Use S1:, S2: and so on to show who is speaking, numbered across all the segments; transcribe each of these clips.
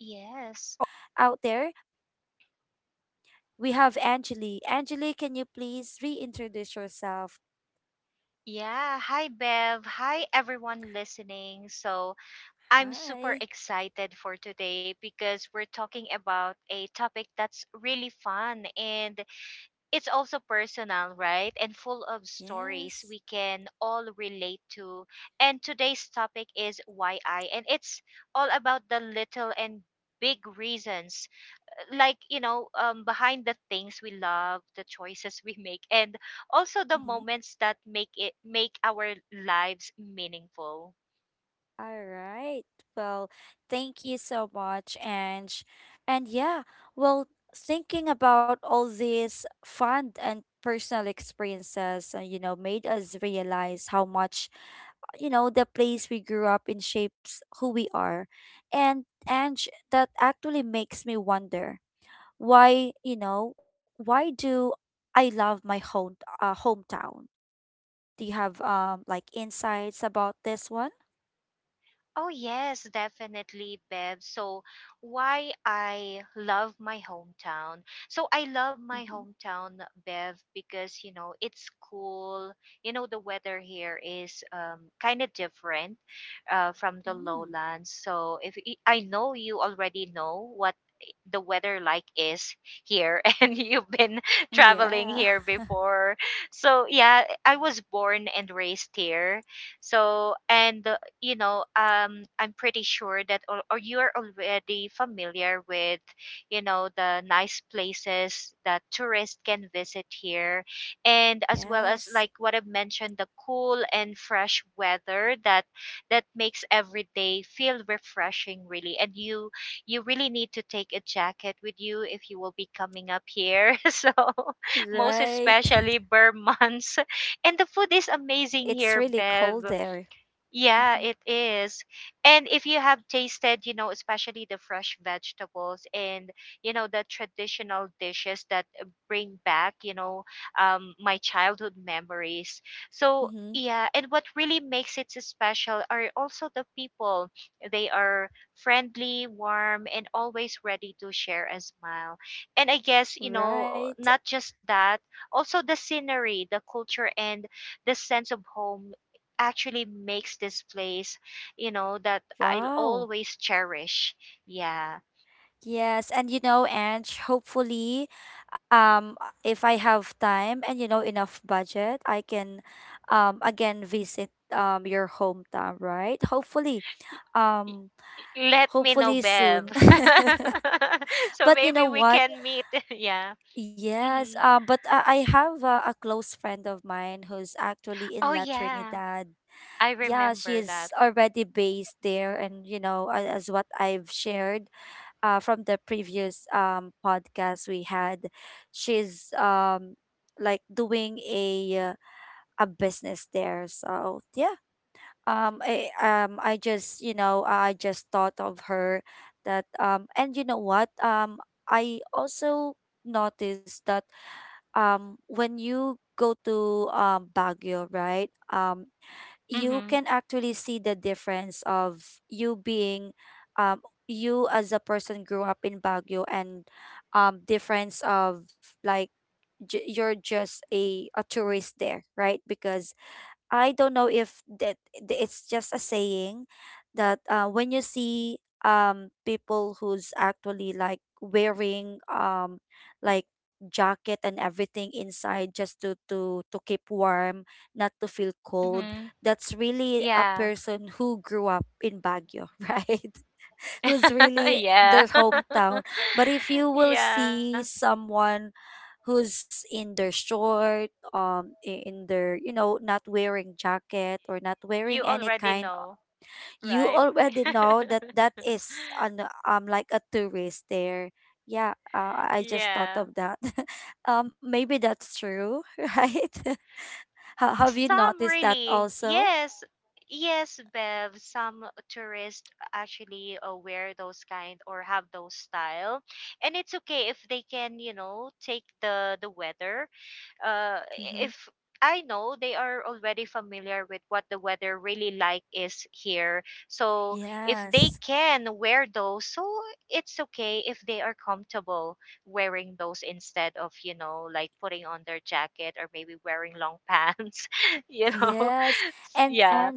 S1: Yes. Yeah. Hi, Bev. Hi, everyone listening. So, I'm super excited for today because we're talking about a topic that's really fun and it's also personal, right? And full of stories we can all relate to. And today's topic is "Why I," and it's all about the little and big reasons, like behind the things we love, the choices we make, and also the moments that make our lives meaningful. Oh, yes, definitely, Bev. So, why I love my hometown. So, I love my hometown, Bev, because, you know, it's cool. You know, the weather here is kind of different from the lowlands. So, if y- I know you already know what the weather like is here and you've been traveling here before. So yeah, I was born and raised here, so. And you know, I'm pretty sure that or you are already familiar with, you know, the nice places that tourists can visit here, and as well as like what I've mentioned, the cool and fresh weather that makes every day feel refreshing, really. And you really need to take a jacket with you if you will be coming up here. So, most especially bare months, and the food is amazing here, Bev. Yeah, it is. And if you have tasted, you know, especially the fresh vegetables and, you know, the traditional dishes that bring back, you know, my childhood memories. So, yeah, and what really makes it so special are also the people. They are friendly, warm, and always ready to share and smile. And I guess, you know, not just that, also the scenery, the culture, and the sense of home actually makes this place, you know, that I'll always cherish. Yeah. Y- y- Let me know, Bev. So maybe we can meet. Yeah. Hmm. Oh, yeah. I remember that. Mm-hmm. Mm-hmm. Yeah. Yeah. Yeah. You already know, right? Yeah. Some really, yes, yes, Bev. Some tourists actually wear those kind or have those style, and it's okay if they can, you know, take the weather, uh, if I know they are already familiar with what the weather really like is here. So if they can wear those, so it's okay if they are comfortable wearing those instead of, you know, like putting on their jacket or maybe wearing long pants. you know. Yeah.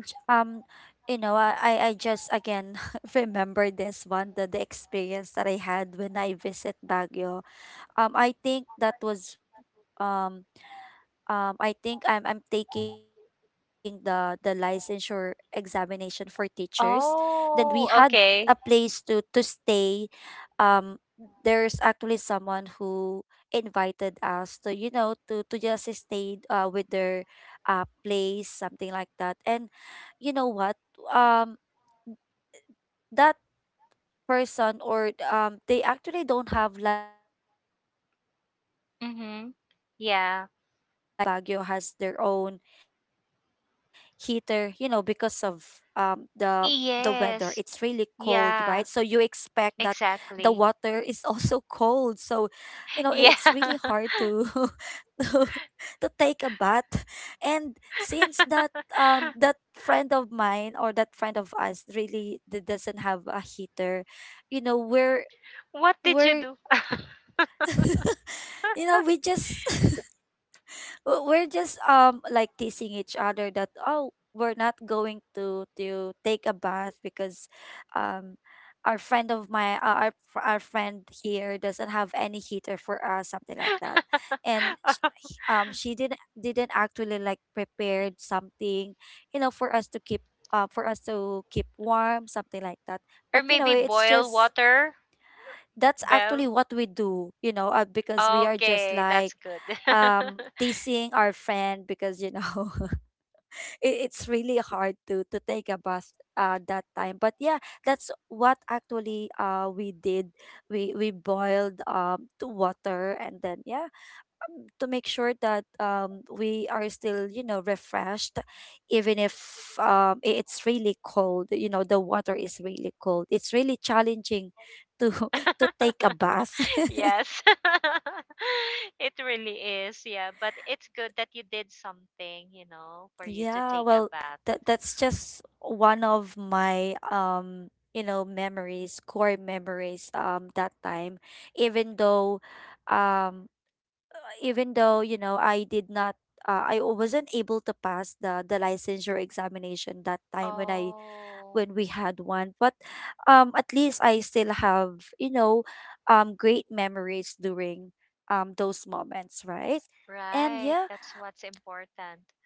S1: Oh, okay. Mm-hmm. Yeah. Yes. Yeah, exactly. Yeah. What did you do? Or maybe boil water, Bev? Okay, that's good. Yes. It really is. Yeah, but it's good that you did something, you know, for you to take a bath. Oh, right. That's what's important.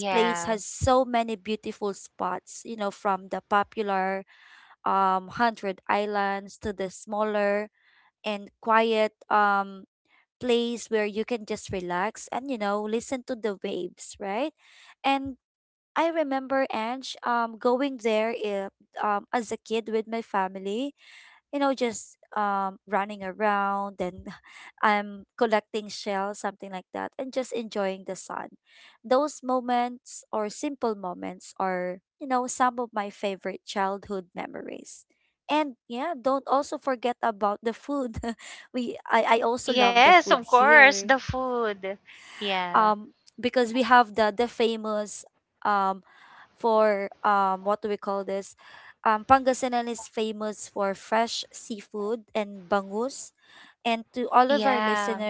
S1: Yeah. Yes, of course, the food. Yeah. Yeah.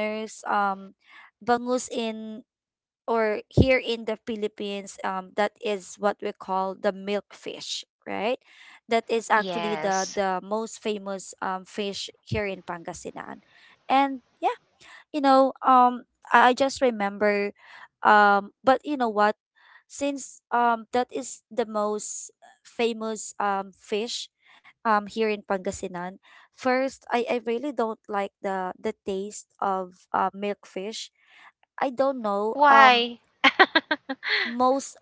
S1: Yes. Why?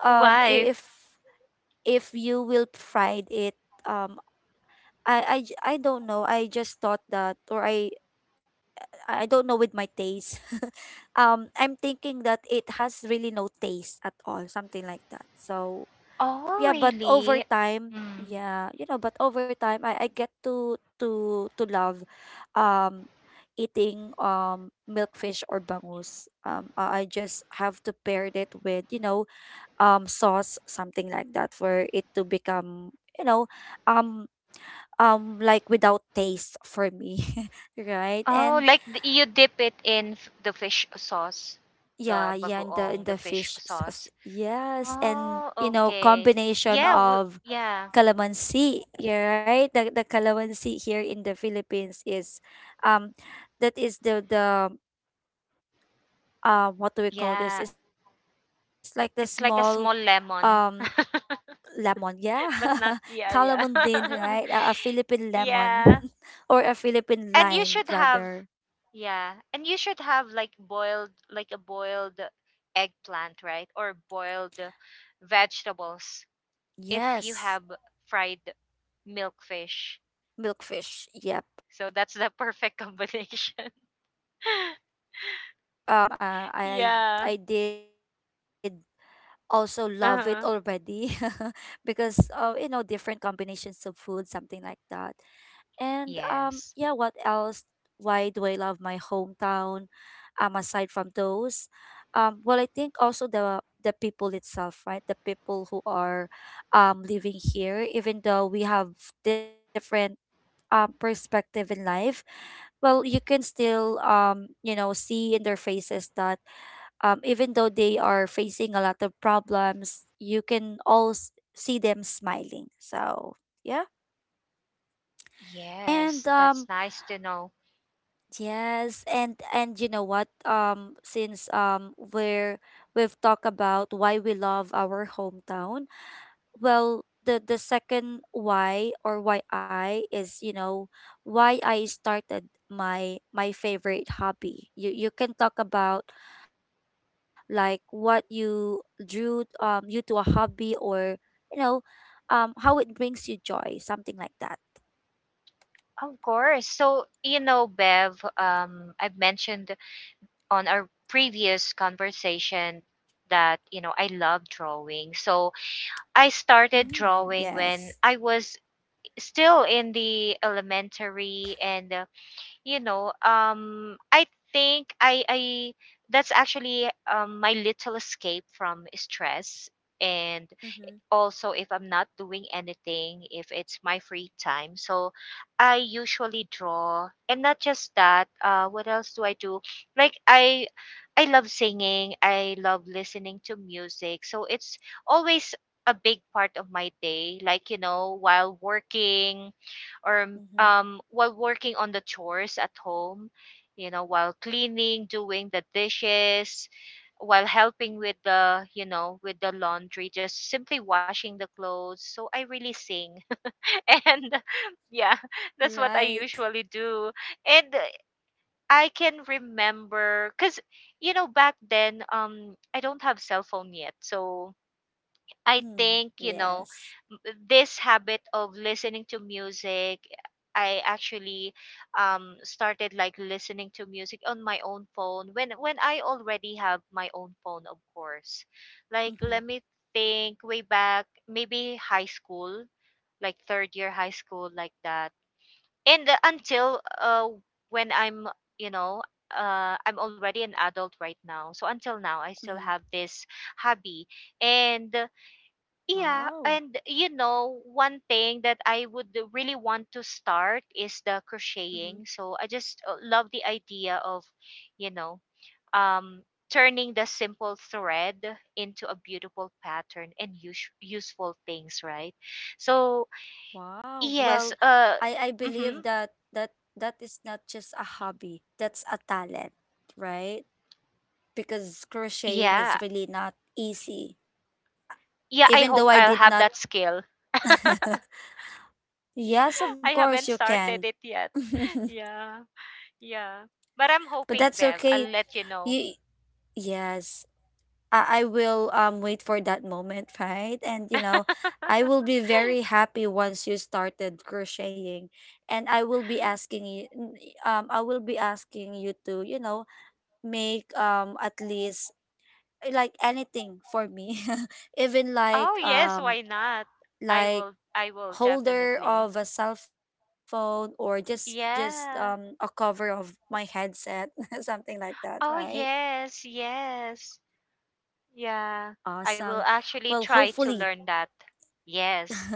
S1: Why? Oh, really? Mm. Oh, like you dip it in the fish sauce, the bagoong, the fish sauce. Oh, okay. Yeah, yeah, yeah. It's like a small lemon, but not. Yeah, yeah, yeah. And you should have, yeah, and you should have like boiled, like a boiled eggplant, right? Or boiled vegetables if you have fried milkfish. So that's the perfect combination. Yeah. Uh-huh. Yes. Yes, that's nice to know. Of course. So, you know, Bev, I've mentioned on our previous conversation that, you know, I love drawing. So I started drawing when I was still in the elementary and, you know, I think that's actually my little escape from stress. And also if I'm not doing anything, if it's my free time. So I usually draw. And not just that, what else do I do? Like I love singing. I love listening to music. So it's always a big part of my day, like while working, or while working on the chores at home, you know, while cleaning, doing the dishes, while helping with the you know with the laundry, just simply washing the clothes. So I really sing and yeah, that's what I usually do. And I can remember, because, you know, back then, I don't have cell phone yet. So I think, you know, m- this habit of listening to music, I actually started like listening to music on my own phone when I already have my own phone, of course. Like let me think way back, maybe high school, like third year high school, like that. And until when I'm, you know, I'm already an adult right now. So until now I still have this hobby. And yeah, and you know, one thing that I would really want to start is the crocheting. So I just love the idea of, you know, um, turning the simple thread into a beautiful pattern and useful things, right? So yes, mm-hmm, yeah, yeah. I hope I'll have that skill. I haven't started it yet. Yeah, yeah. But I'm hoping, Bev, I'll let you know. Oh yes, why not? I will definitely. Yeah. Oh yes, yes. Yeah. I will actually try to learn that. Yes.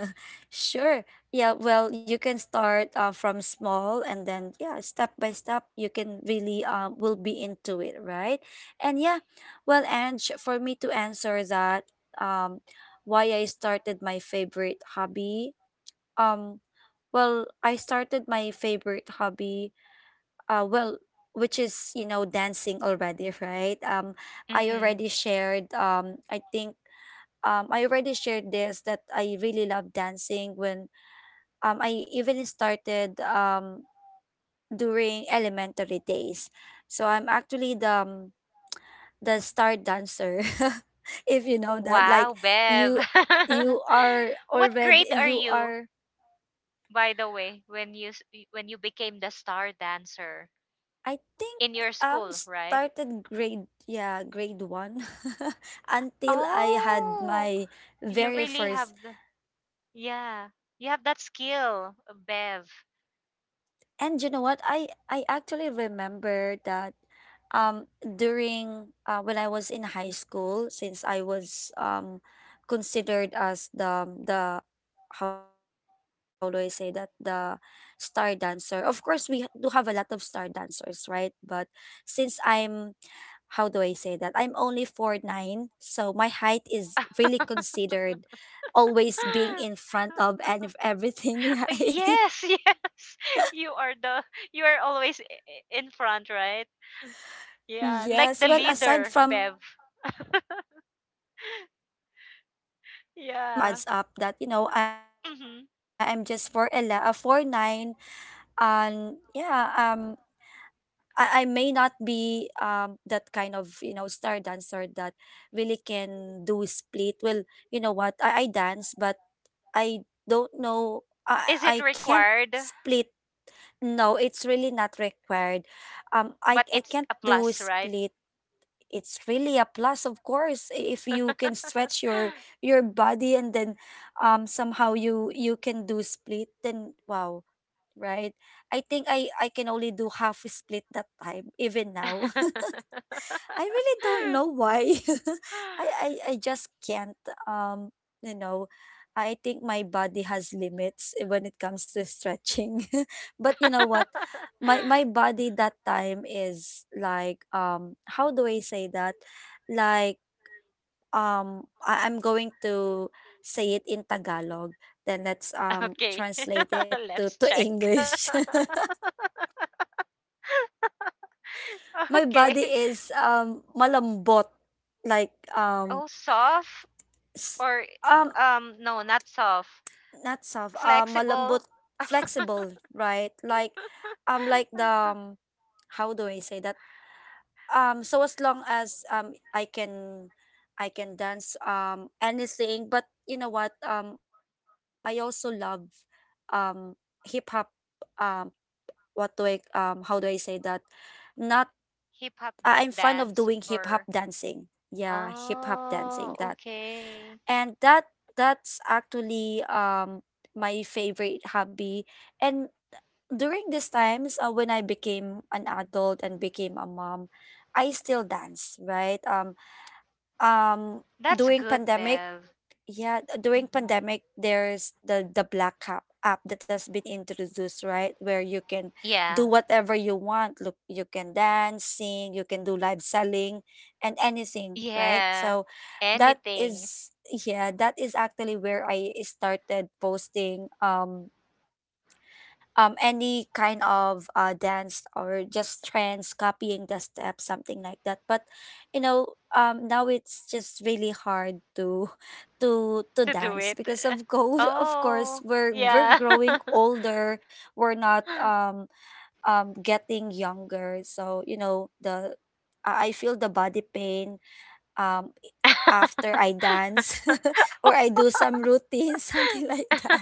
S1: Mhm. Wow, Bev. What grade are you, by the way, when you became the star dancer in your school, right? Oh, you really yeah. You have that skill, Bev. Yes, yes. You are the you are always in front, right? Yeah, like the leader, Bev. Yeah. Hmm. Is it required? But it's a plus, right? Okay. Let's check. Okay. Oh, soft or no, not soft. Flexible. Hip hop dance or— oh, okay, that's good, Bev. Hmm. Yeah, yeah, anything to do it. Oh, yeah.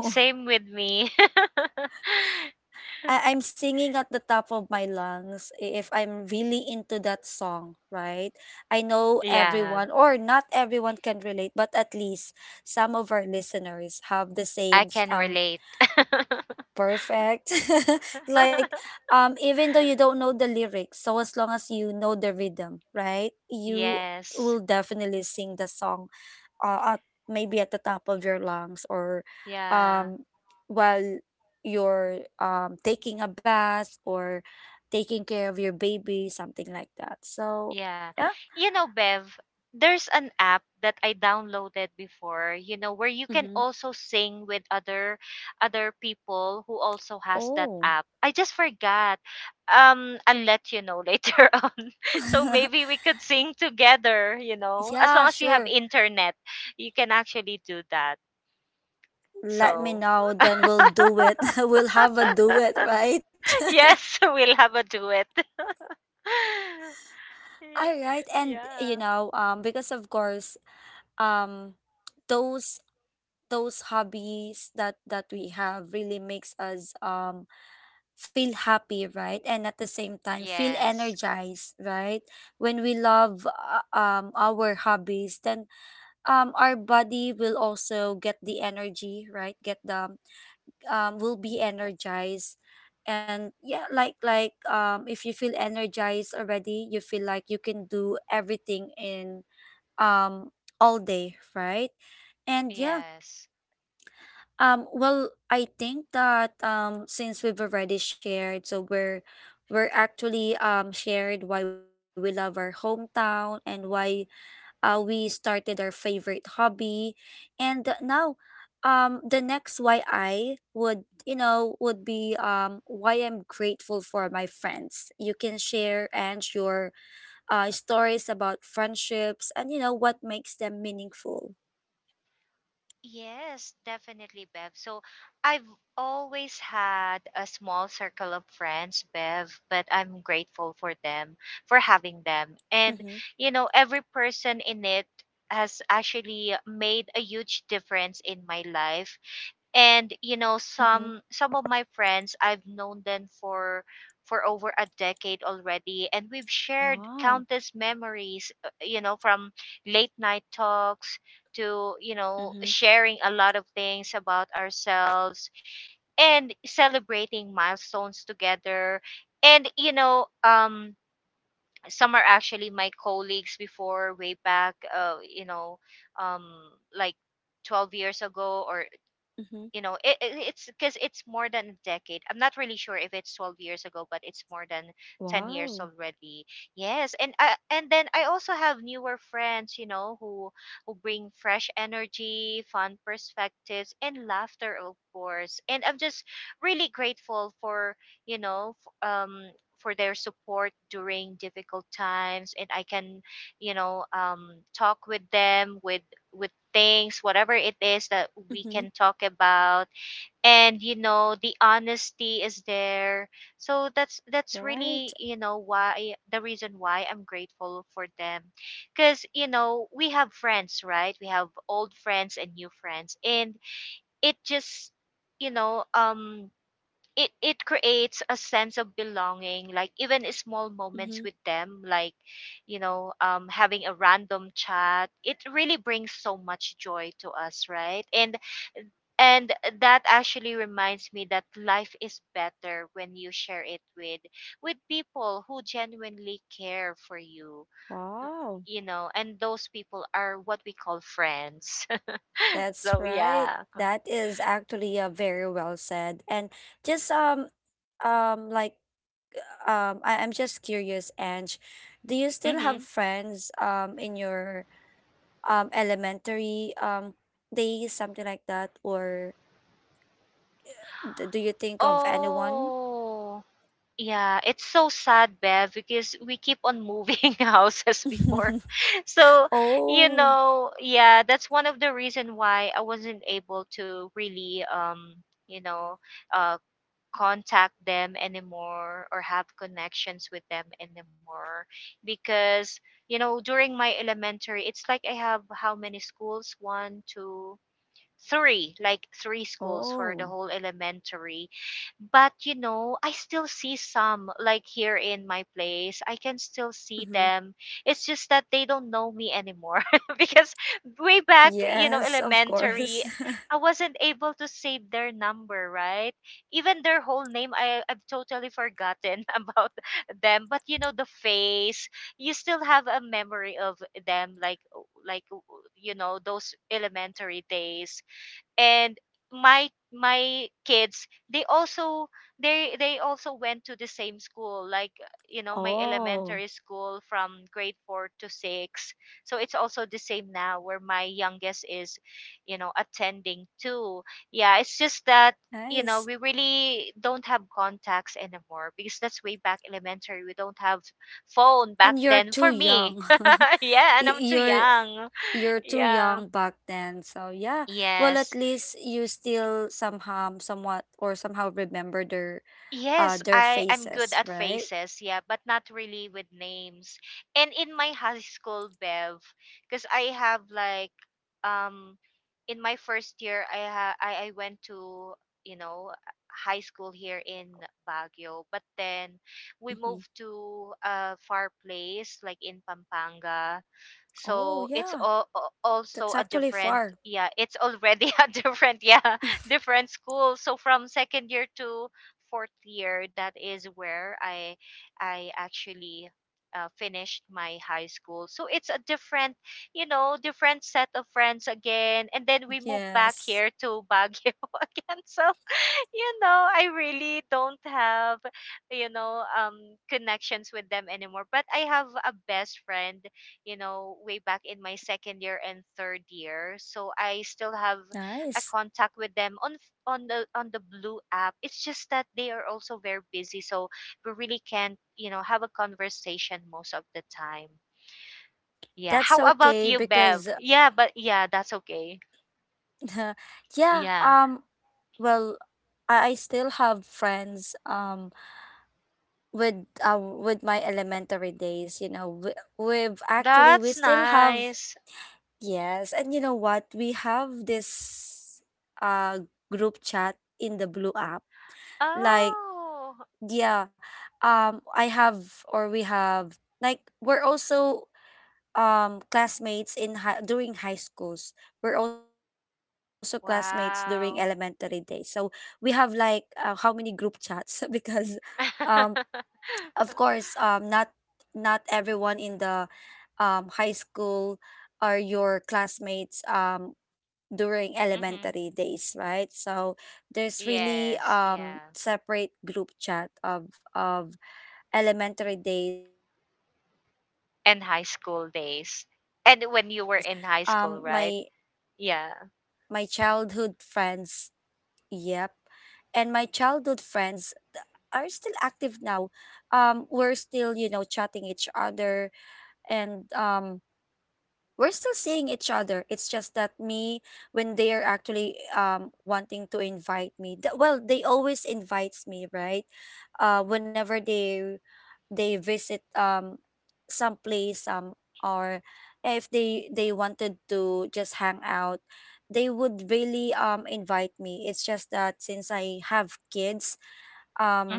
S1: Same with me. Yeah, I can relate. Yes, yeah. Yeah. You know, Bev, there's an app that I downloaded before, you know, where you can also sing with other people who also has that app. I just forgot. I'll let you know later on. So maybe we could sing together. As long as you have internet, you can actually do that. So, yes, we'll have a duet. Yeah. Yes. Yes. Yes, definitely, Bev. So I've always had a small circle of friends, Bev, but I'm grateful for them, for having them. And, you know, every person in it has actually made a huge difference in my life. And, you know, some of my friends, I've known them for over a decade already, and we've shared countless memories, you know, from late night talks to, you know, sharing a lot of things about ourselves and celebrating milestones together. And, you know, some are actually my colleagues before way back, you know, um, like 12 years ago, or you know, it's because it's more than a decade. I'm not really sure if it's 12 years ago, but it's more than 10 years already. Yes, and then I also have newer friends, you know, who bring fresh energy, fun perspectives, and laughter, of course. And I'm just really grateful for, you know f- um for their support during difficult times. And I can, you know um talk with them, with things whatever it is that we can talk about. And you know, the honesty is there. So that's really why the reason why I'm grateful for them, because, you know, we have friends, right? We have old friends and new friends, and it just, you know um it creates a sense of belonging. Like even small moments with them, like, having a random chat, it really brings so much joy to us, right? And that actually reminds me that life is better when you share it with people who genuinely care for you, you know, and those people are what we call friends. So yeah. Mhm. Oh. Yeah, it's so sad, Bev, because we keep on moving houses before. So, you know, yeah, that's one of the reason why I wasn't able to really you know, uh contact them anymore or have connections with them anymore, because, you know, during my elementary, it's like I have how many schools. One, two, three, like three schools for the whole elementary. But you know, I still see some like here in my place. I can still see them. It's just that they don't know me anymore, because way back, you know, elementary, I wasn't able to save their number, right? Even their whole name, I've totally forgotten about them. But you know, the face, you still have a memory of them, like you know, those elementary days. And my kids, they also they also went to the same school, like you know, my elementary school from grade 4 to 6. So it's also the same now where my youngest is, you know, attending too. Yeah, it's just that, you know, we really don't have contacts anymore because that's way back elementary. We don't have phone back then, for me. Yeah, and I'm too young. Yeah. Yes. Yes, I'm good at faces, yeah, but not really with names. And in my high school, Bev, because I have like um in my first year, I went to, you know, high school here in Baguio, but then we moved to a far place like in Pampanga. So it's also a different, yeah, it's already a different, yeah, different school. So from second year to fourth year, that is where I actually finished my high school. So it's a different, you know, different set of friends again. And then we moved back here to Baguio again. So you know, I really don't have, you know, connections with them anymore. But I have a best friend, you know, way back in my second year and third year. So I still have a contact with them on on the blue app. It's just that they are also very busy, so we really can't, you know, have a conversation most of the time. Yeah. How about you, Bev? Yeah, but yeah, that's okay. Yeah. That's nice. Oh. Wow. Hmm. Yes, yeah. And high school days. And when you were in high school, right? Yeah.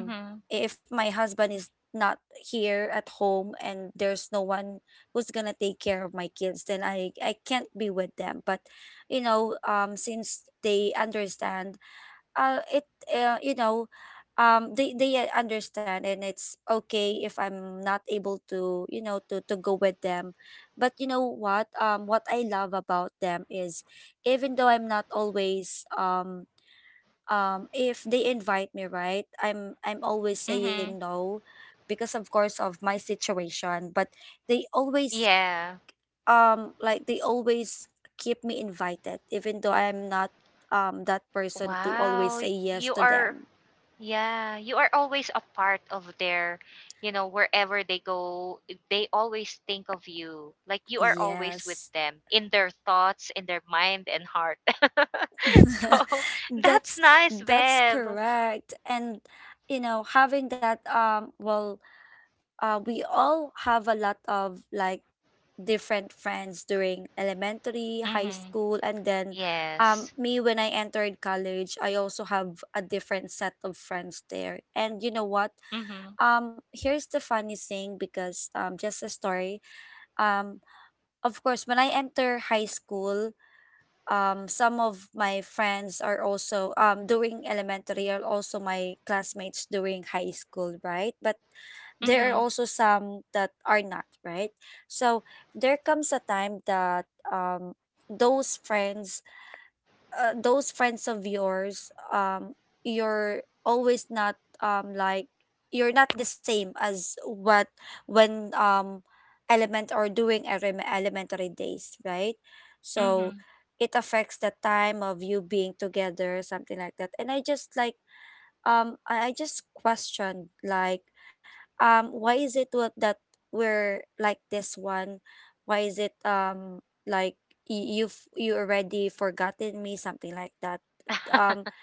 S1: Mhm. Mhm. Yeah. Wow. You are, yeah, you are always a part of their, you know, wherever they go, they always think of you. Like, you are always with them in their thoughts, in their mind and heart. So, that's nice, Bev. Mhm. Yes. Mhm. Mhm. Mhm.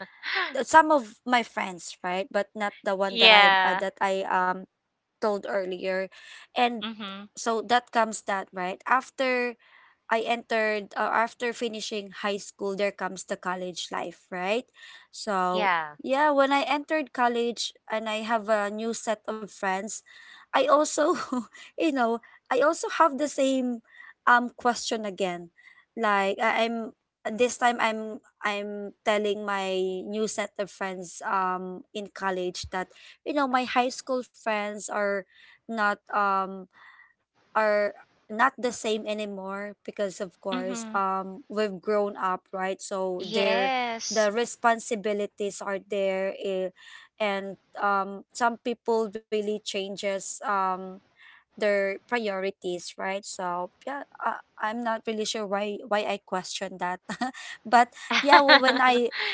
S1: Yeah. Mhm. Yeah. Mhm. Yes.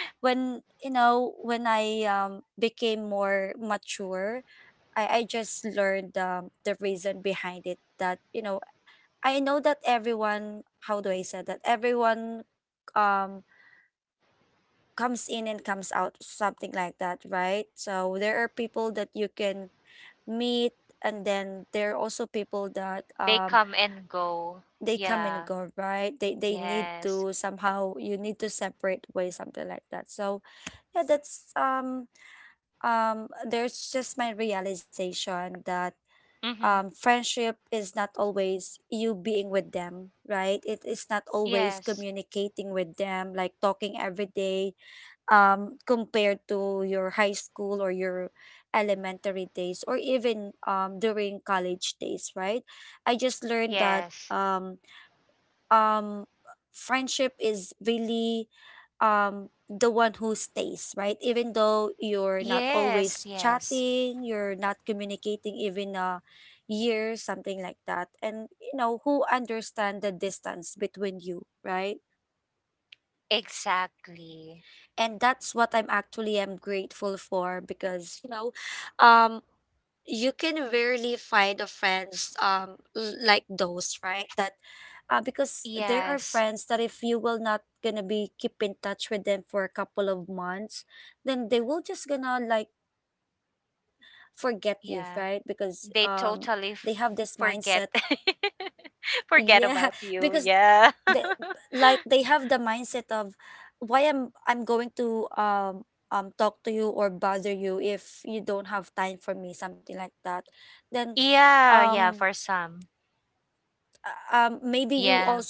S1: They come and go. Yeah. Yes. Mhm. Yes. Yes. Yes, yes. Exactly. Yes. Yeah. They totally f- Forget forget about you. Yeah. Yeah, yeah, for some. Yeah.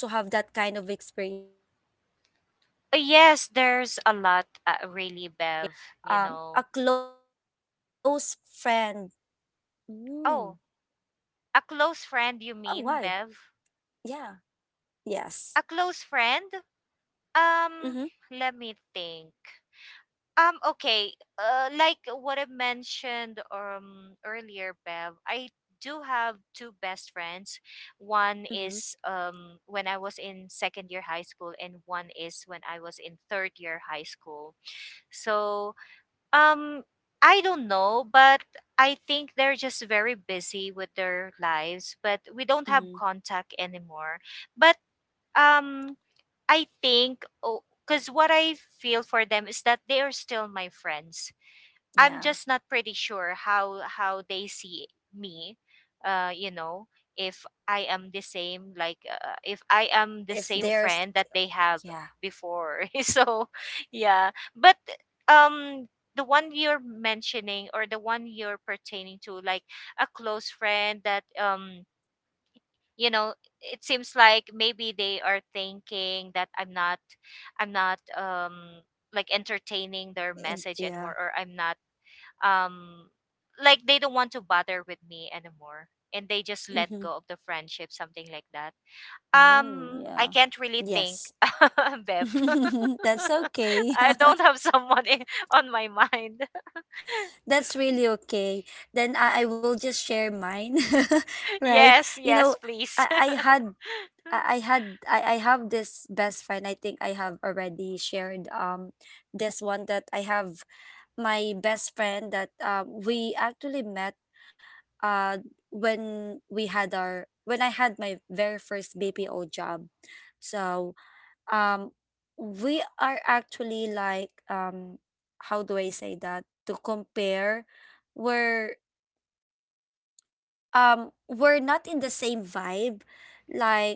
S1: Yes, there's a lot, really, Bev. You know. Oh, a close friend, you mean, Bev? A close friend? Um, let me think. Okay. Like what I mentioned earlier, Bev. I do have two best friends. One is when I was in second year high school, and one is when I was in third year high school. So Um, I don't know, but I think they're just very busy with their lives, but we don't have contact anymore. But um, I think, because what I feel for them is that they are still my friends. I'm just not pretty sure how they see me. You know, if I am the same, like if I am the same friend that they have before. So, yeah. But um, the one you're mentioning or the one you're pertaining to, like a close friend that you know, it seems like maybe they are thinking that I'm not like entertaining their message anymore, or I'm not um like they don't want to bother with me anymore, and they just let go of the friendship, something like that. I can't really think, Bev. I don't have someone in, on my mind. Yes, yes, please.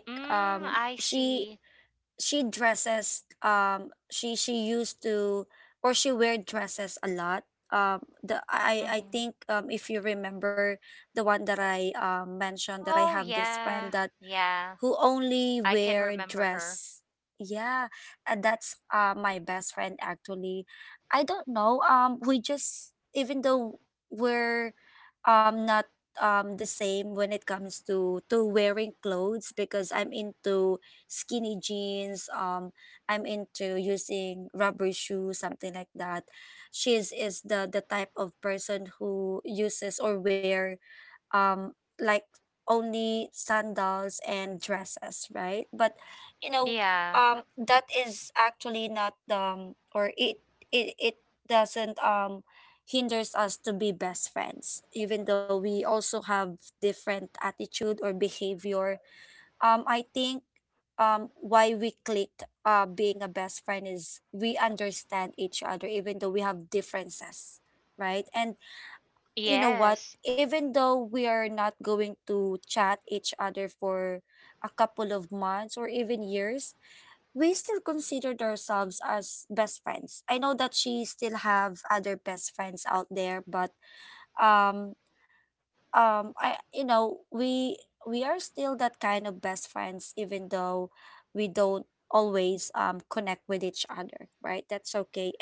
S1: I see. Hmm. Oh yeah. Yeah. I can remember her. Yeah. Yes.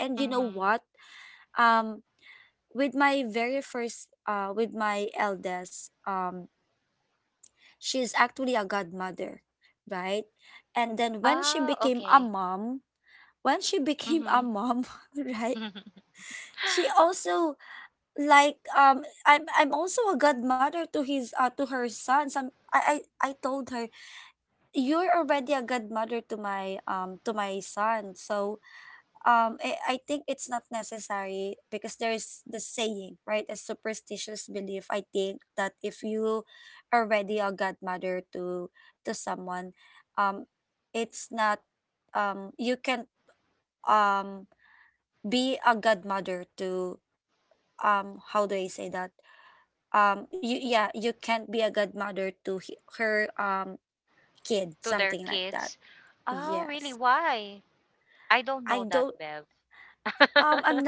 S1: Mm-hmm. Oh, okay. Mm-hmm. To their kids. Oh, really? Why? I don't know that, Bev.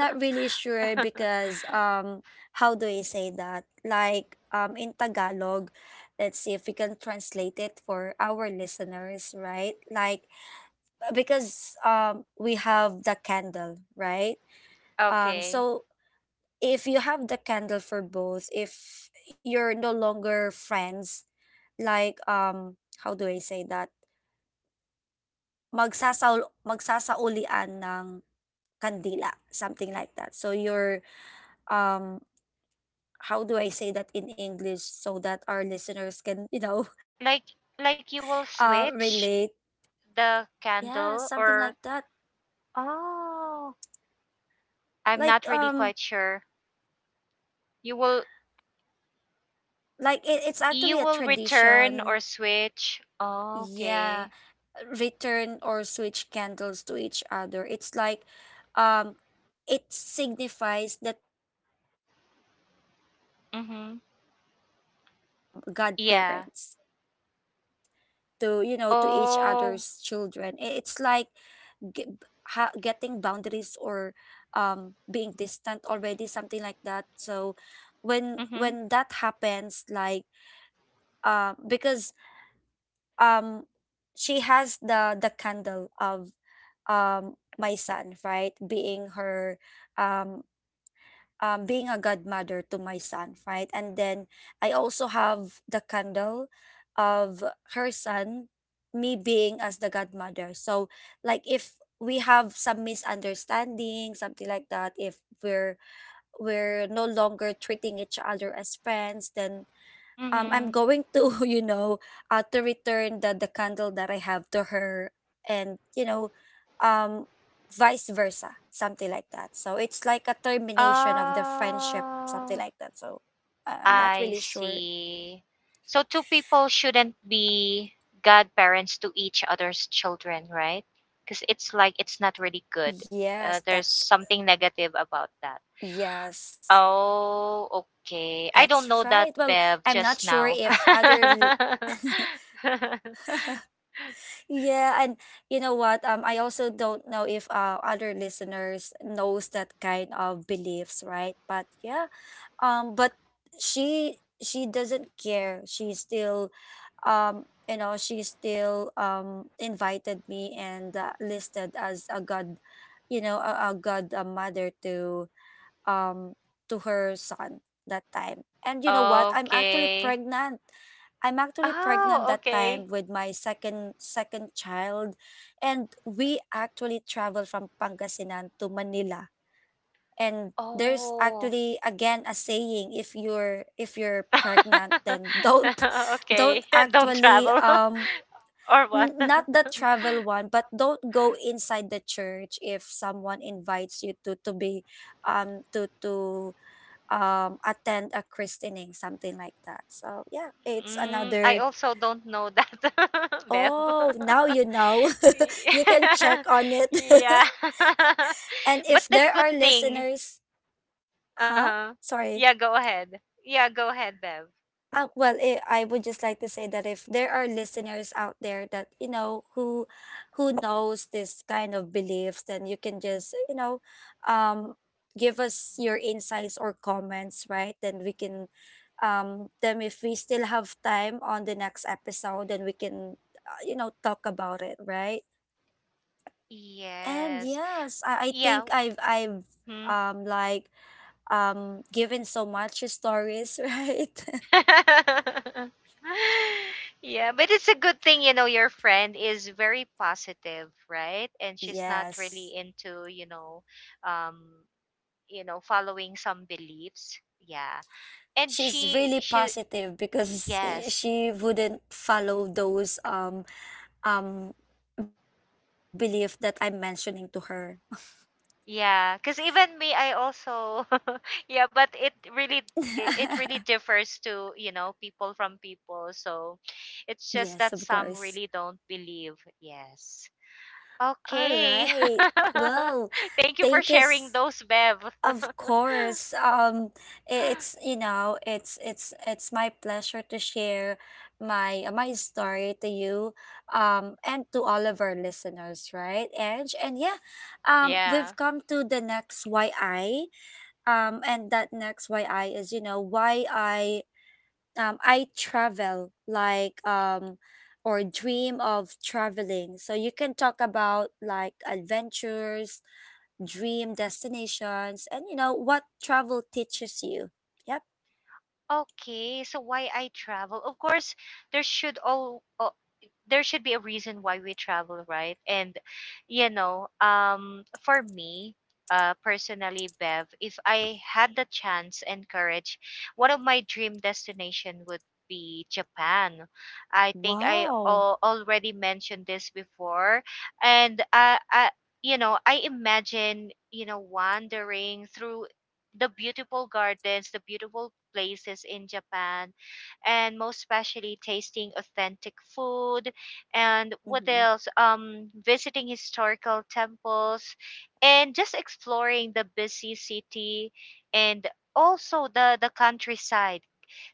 S1: Okay. Like like you will switch the candle, or oh, I'm not really quite sure. You will you will return or switch. Okay. Mhm. Yeah. Oh. Mhm. Mhm. Oh. I see. So two people shouldn't be godparents to each other's children, right? Because it's like it's not really good. There's something negative about that. Oh, okay. I don't know that, Bev, just now. Okay. Oh, okay. Oh. Okay. Don't travel or what? I also don't know that, Bev. Yeah. Yeah. But the good thing, uh-huh. Yeah, go ahead. Yeah, go ahead, Bev. Yes. Yeah. Mhm. Yeah, but it's a good thing, you know, your friend is very positive, right? And she's not really into, um, you know, following some beliefs. Yeah. And she. Yes. Yeah, because even me, I also yeah, but it really it really differs to, you know, people from people. So it's just that some really don't believe. Yes. Okay. Thank you for sharing those, Bev. Yeah. Okay, so why I travel? Of course, there should all there should be a reason why we travel, right? And you know, for me, personally, Bev, if I had the chance and courage, one of my dream destination would be Japan. I think I already mentioned this before, and I, you know, I imagine, you know, wandering through the beautiful gardens, the beautiful places in Japan, and most especially tasting authentic food, and what else, visiting historical temples, and just exploring the busy city, and also the countryside.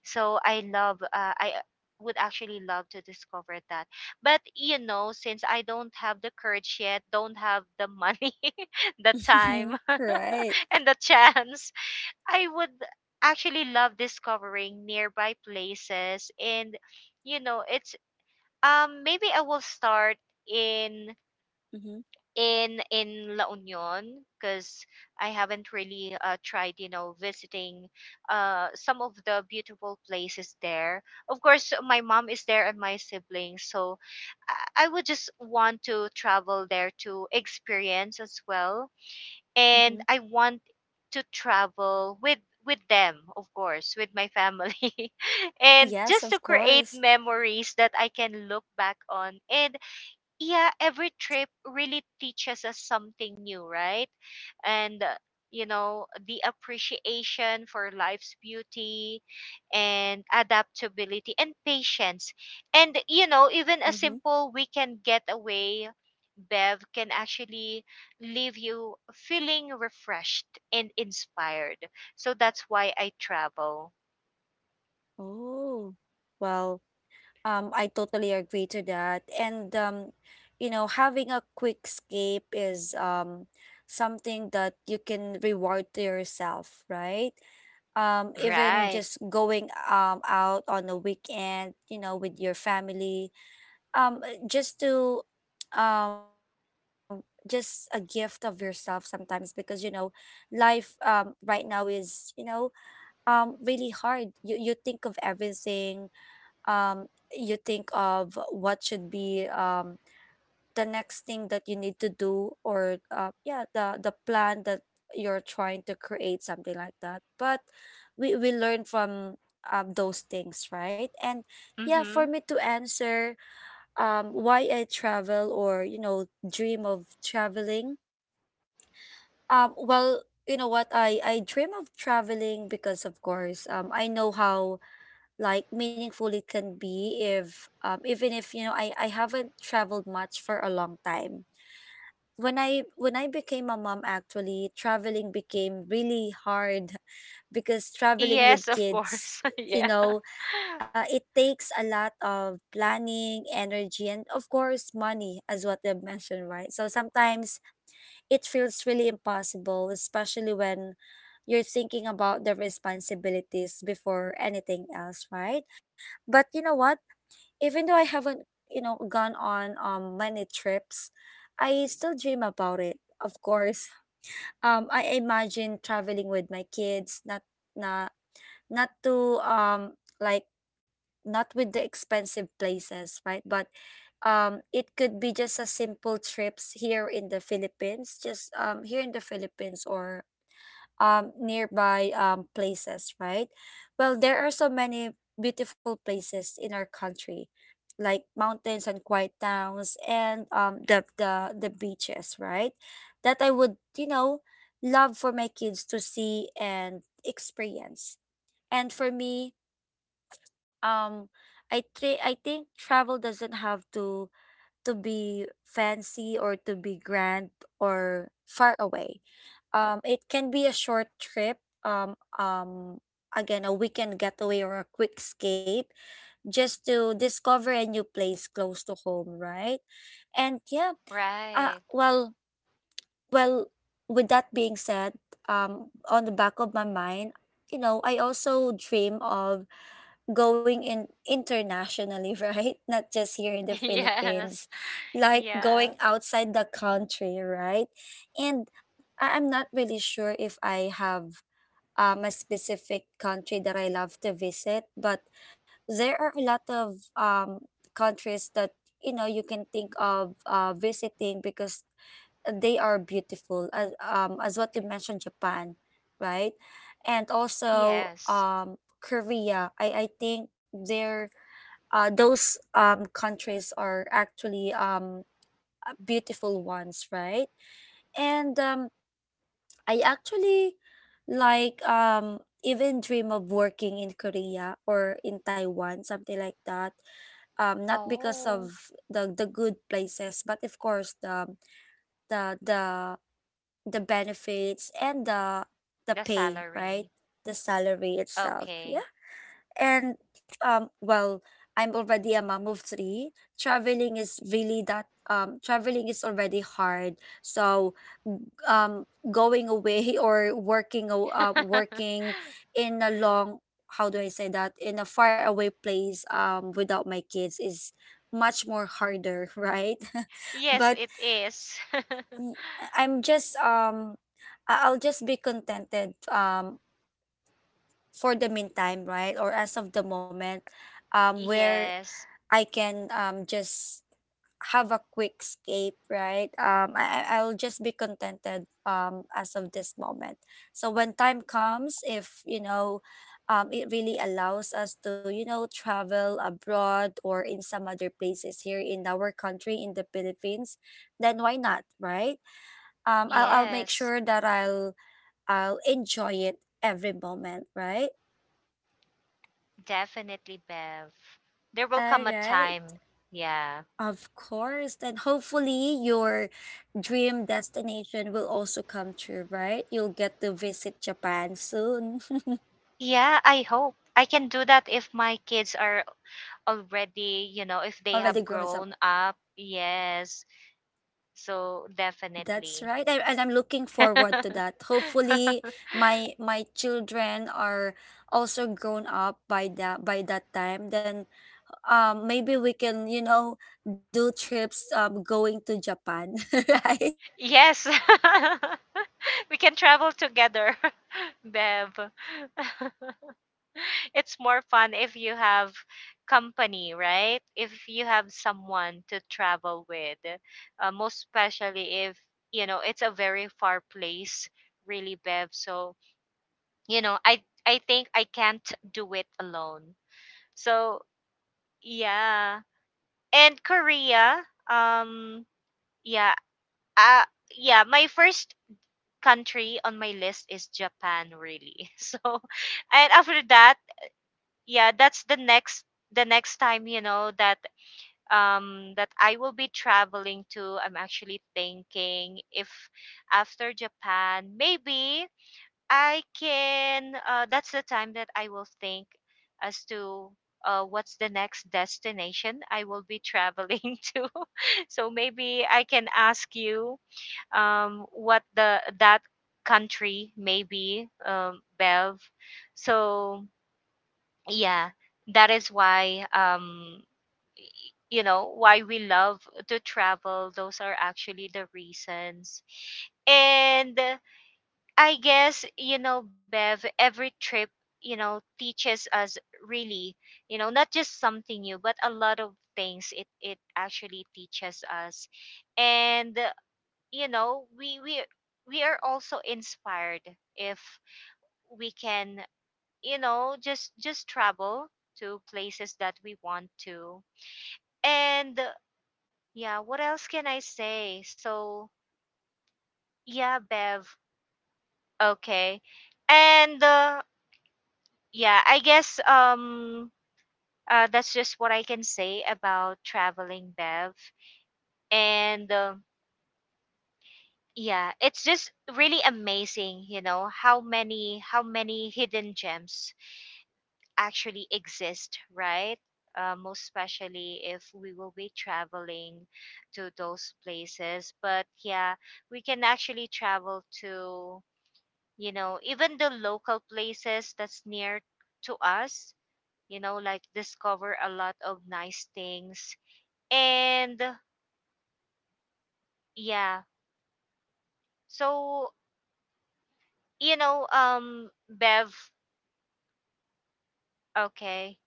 S1: So I love, I would actually love to discover that. But you know, since I don't have the courage yet, don't have the money, the time, and the chance, I would actually love discovering nearby places. And you know, it's maybe I will start in in La Union, because I haven't really tried, you know, visiting some of the beautiful places there. Of course my mom is there and my siblings, so I I would just want to travel there to experience as well. And I want to travel with them, of course, with my family, and just to create memories that I can look back on. And yeah, every trip really teaches us something new, right? And you know, the appreciation for life's beauty and adaptability and patience. And you know, even a simple weekend getaway, Bev, can actually leave you feeling refreshed and inspired. So that's why I travel. Right. Mhm. Yes, of course. Yeah. Right. Yes. Yeah. Yes. Oh, the salary. Okay. Yes, it is. Yes. Yes. Definitely, Bev. There will come a time. Yeah. Yeah, I hope. I can do that if my kids are already, you know, if they have grown up. Yes. So, definitely. Yes. We can travel together, Bev. It's more fun if you have company, right? If you have someone to travel with, most especially if you know it's a very far place, really, Bev. So you know, I think I can't do it alone. So yeah. And Korea, um, yeah, uh, yeah. My first country on my list is Japan, really. So and after that, yeah, that's the next time, you know, that that I will be traveling to. I'm actually thinking if after Japan, maybe I can that's the time that I will think as to what's the next destination I will be traveling to. So maybe I can ask you, what the that country may be, Bev. So yeah, that is why, you know, why we love to travel. Those are actually the reasons. And I guess, you know, Bev, every trip, you know, teaches us, really, you know, not just something new, but a lot of things, it actually teaches us. And you know, we we are also inspired if we can, you know, just travel to places that we want to. And yeah, what else can I say? So yeah, Bev. Okay. And yeah, I guess, that's just what I can say about traveling, Bev. And yeah, it's just really amazing, you know, how many hidden gems actually exist, right? Most especially if we will be traveling to those places. But yeah, we can actually travel to, you know, even the local places that's near to us, you know, like discover a lot of nice things. And yeah, so, you know, Bev, okay.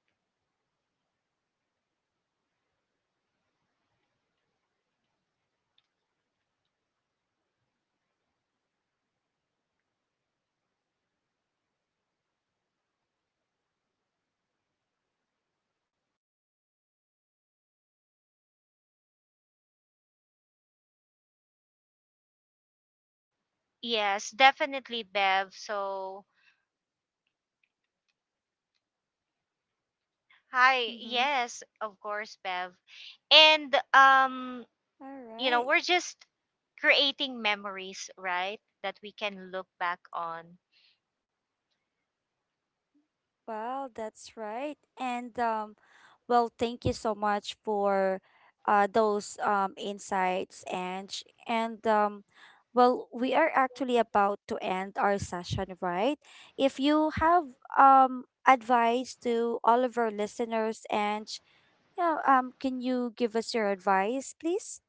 S1: Yes, definitely, Bev. So, hi.
S2: Mm-hmm.
S1: Yes, of course, Bev. And
S2: All
S1: you know,
S2: right.
S1: we're just creating memories, right? That we can look back on.
S2: Well, that's right. And well, thank you so much for those insights and and um, well, we are actually about to end our session, right? If you have advice to all of our listeners and yeah, can you give us your advice, please?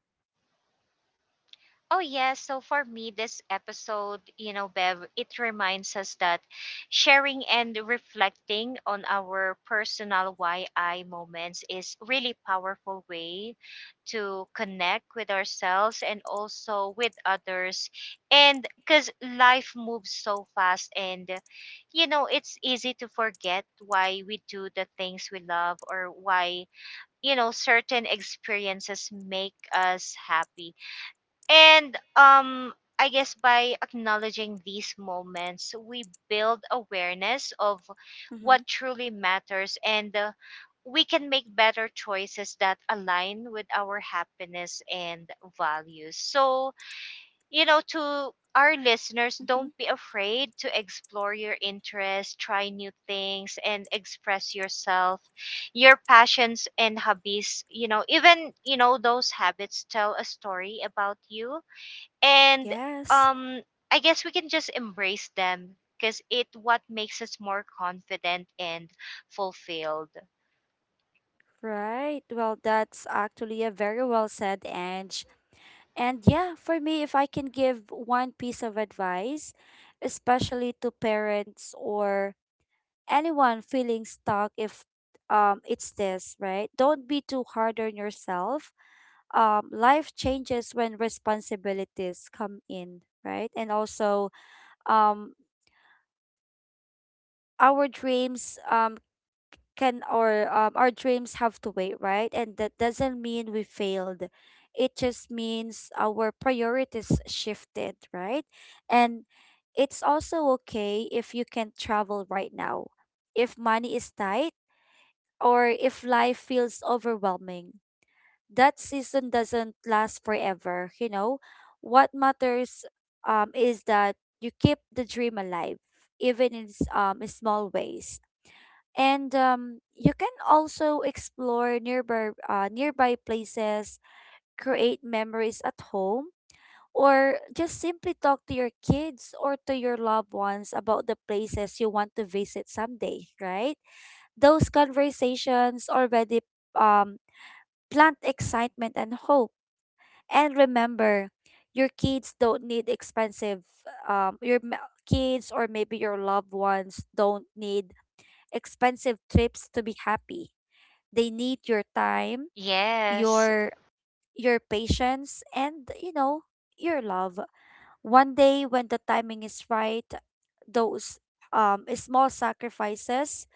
S1: Oh yes, so for me, this episode, you know, Bev, it reminds us that sharing and reflecting on our personal why I moments is really powerful way to connect with ourselves and also with others. And cuz life moves so fast, and you know, it's easy to forget why we do the things we love, or why, you know, certain experiences make us happy. And I guess by acknowledging these moments, we build awareness of
S2: Mm-hmm.
S1: what truly matters. And we can make better choices that align with our happiness and values. So, you know, to our listeners,
S2: Mm-hmm.
S1: don't be afraid to explore your interests, try new things, and express yourself, your passions and hobbies. You know, even, you know, those habits tell a story about you. And
S2: Yes.
S1: um I guess we can just embrace them, because it what makes us more confident and fulfilled.
S2: Right. Well, that's actually a very well said, And yeah, for me, if I can give one piece of advice, especially to parents or anyone feeling stuck, if it's this, right? Don't be too hard on yourself. Life changes when responsibilities come in, right? And also, um, our dreams can or our dreams have to wait, right? And that doesn't mean we failed. It just means our priorities shifted, right? And it's also okay if you can travel right now. If money is tight or if life feels overwhelming. That season doesn't last forever, you know. What matters is that you keep the dream alive even in small ways. And you can also explore nearby nearby places, create memories at home, or just simply talk to your kids or to your loved ones about the places you want to visit someday, right? Those conversations already um, plant excitement and hope. And remember, your kids don't need kids or maybe your loved ones don't need expensive trips to be happy, they need your time,
S1: Yes,
S2: your your patience and, you know, your love. One day when the timing is right, those small sacrifices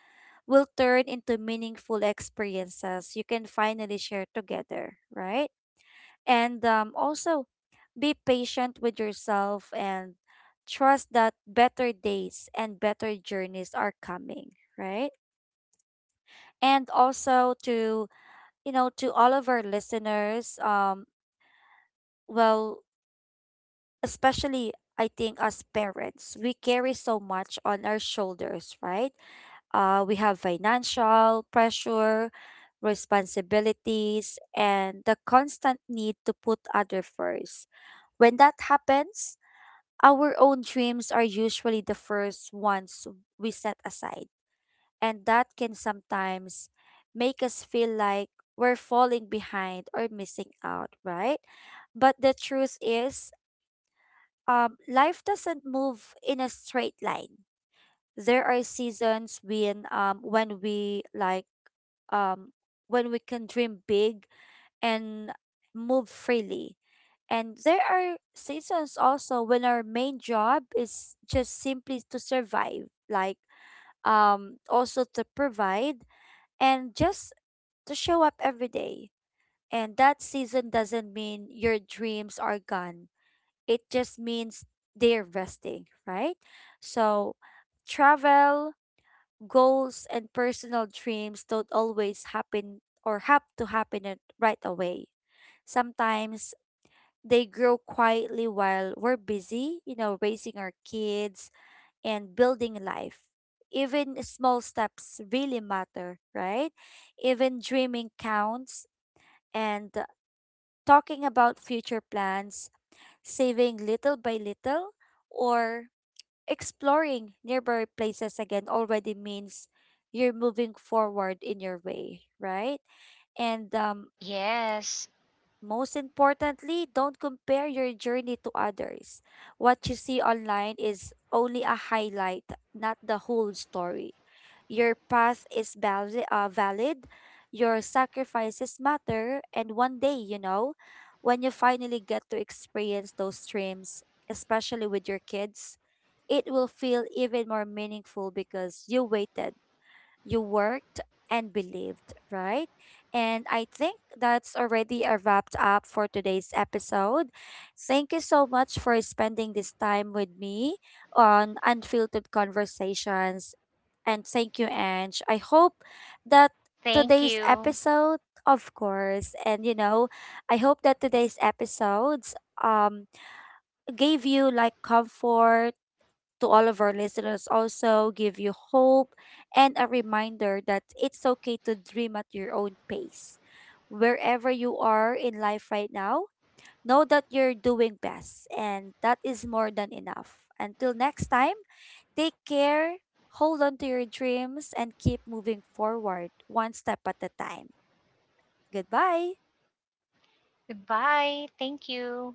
S2: will turn into meaningful experiences you can finally share together, right? And um, also be patient with yourself and trust that better days and better journeys are coming, right? And also, to all of our listeners, well, especially I think as parents, we carry so much on our shoulders, right? We have financial pressure, responsibilities, and the constant need to put other first. When that happens, our own dreams are usually the first ones we set aside, and that can sometimes make us feel like we're falling behind or missing out, right? But the truth is, life doesn't move in a straight line. There are seasons when we like um when we can dream big and move freely. And there are seasons also when our main job is just simply to survive, like also to provide and just to show up every day. And that season doesn't mean your dreams are gone. It just means they're resting, right? So travel, goals, and personal dreams don't always happen or have to happen at- right away. Sometimes they grow quietly while we're busy, you know, raising our kids and building life. Even small steps really matter, right? Even dreaming counts, and talking about future plans, saving little by little, or exploring nearby places again already means you're moving forward in your way, right? And
S1: yes,
S2: Most importantly, don't compare your journey to others. What you see online is only a highlight, not the whole story. Your path is valid, your sacrifices matter, and one day, you know, when you finally get to experience those dreams, especially with your kids, it will feel even more meaningful because you waited, you worked, and believed, right? And I think that's already a wrapped up for today's episode. Thank you so much for spending this time with me on Unfiltered Conversations. And thank you, Ange. I hope that
S1: thank
S2: today's
S1: you.
S2: episode, of course, and, you know, I hope that today's episodes um gave you like comfort. To all of our listeners also, give you hope and a reminder that it's okay to dream at your own pace. Wherever you are in life right now, know that you're doing best and that is more than enough. Until next time, take care, hold on to your dreams, and keep moving forward one step at a time. Goodbye.
S1: Goodbye, thank you.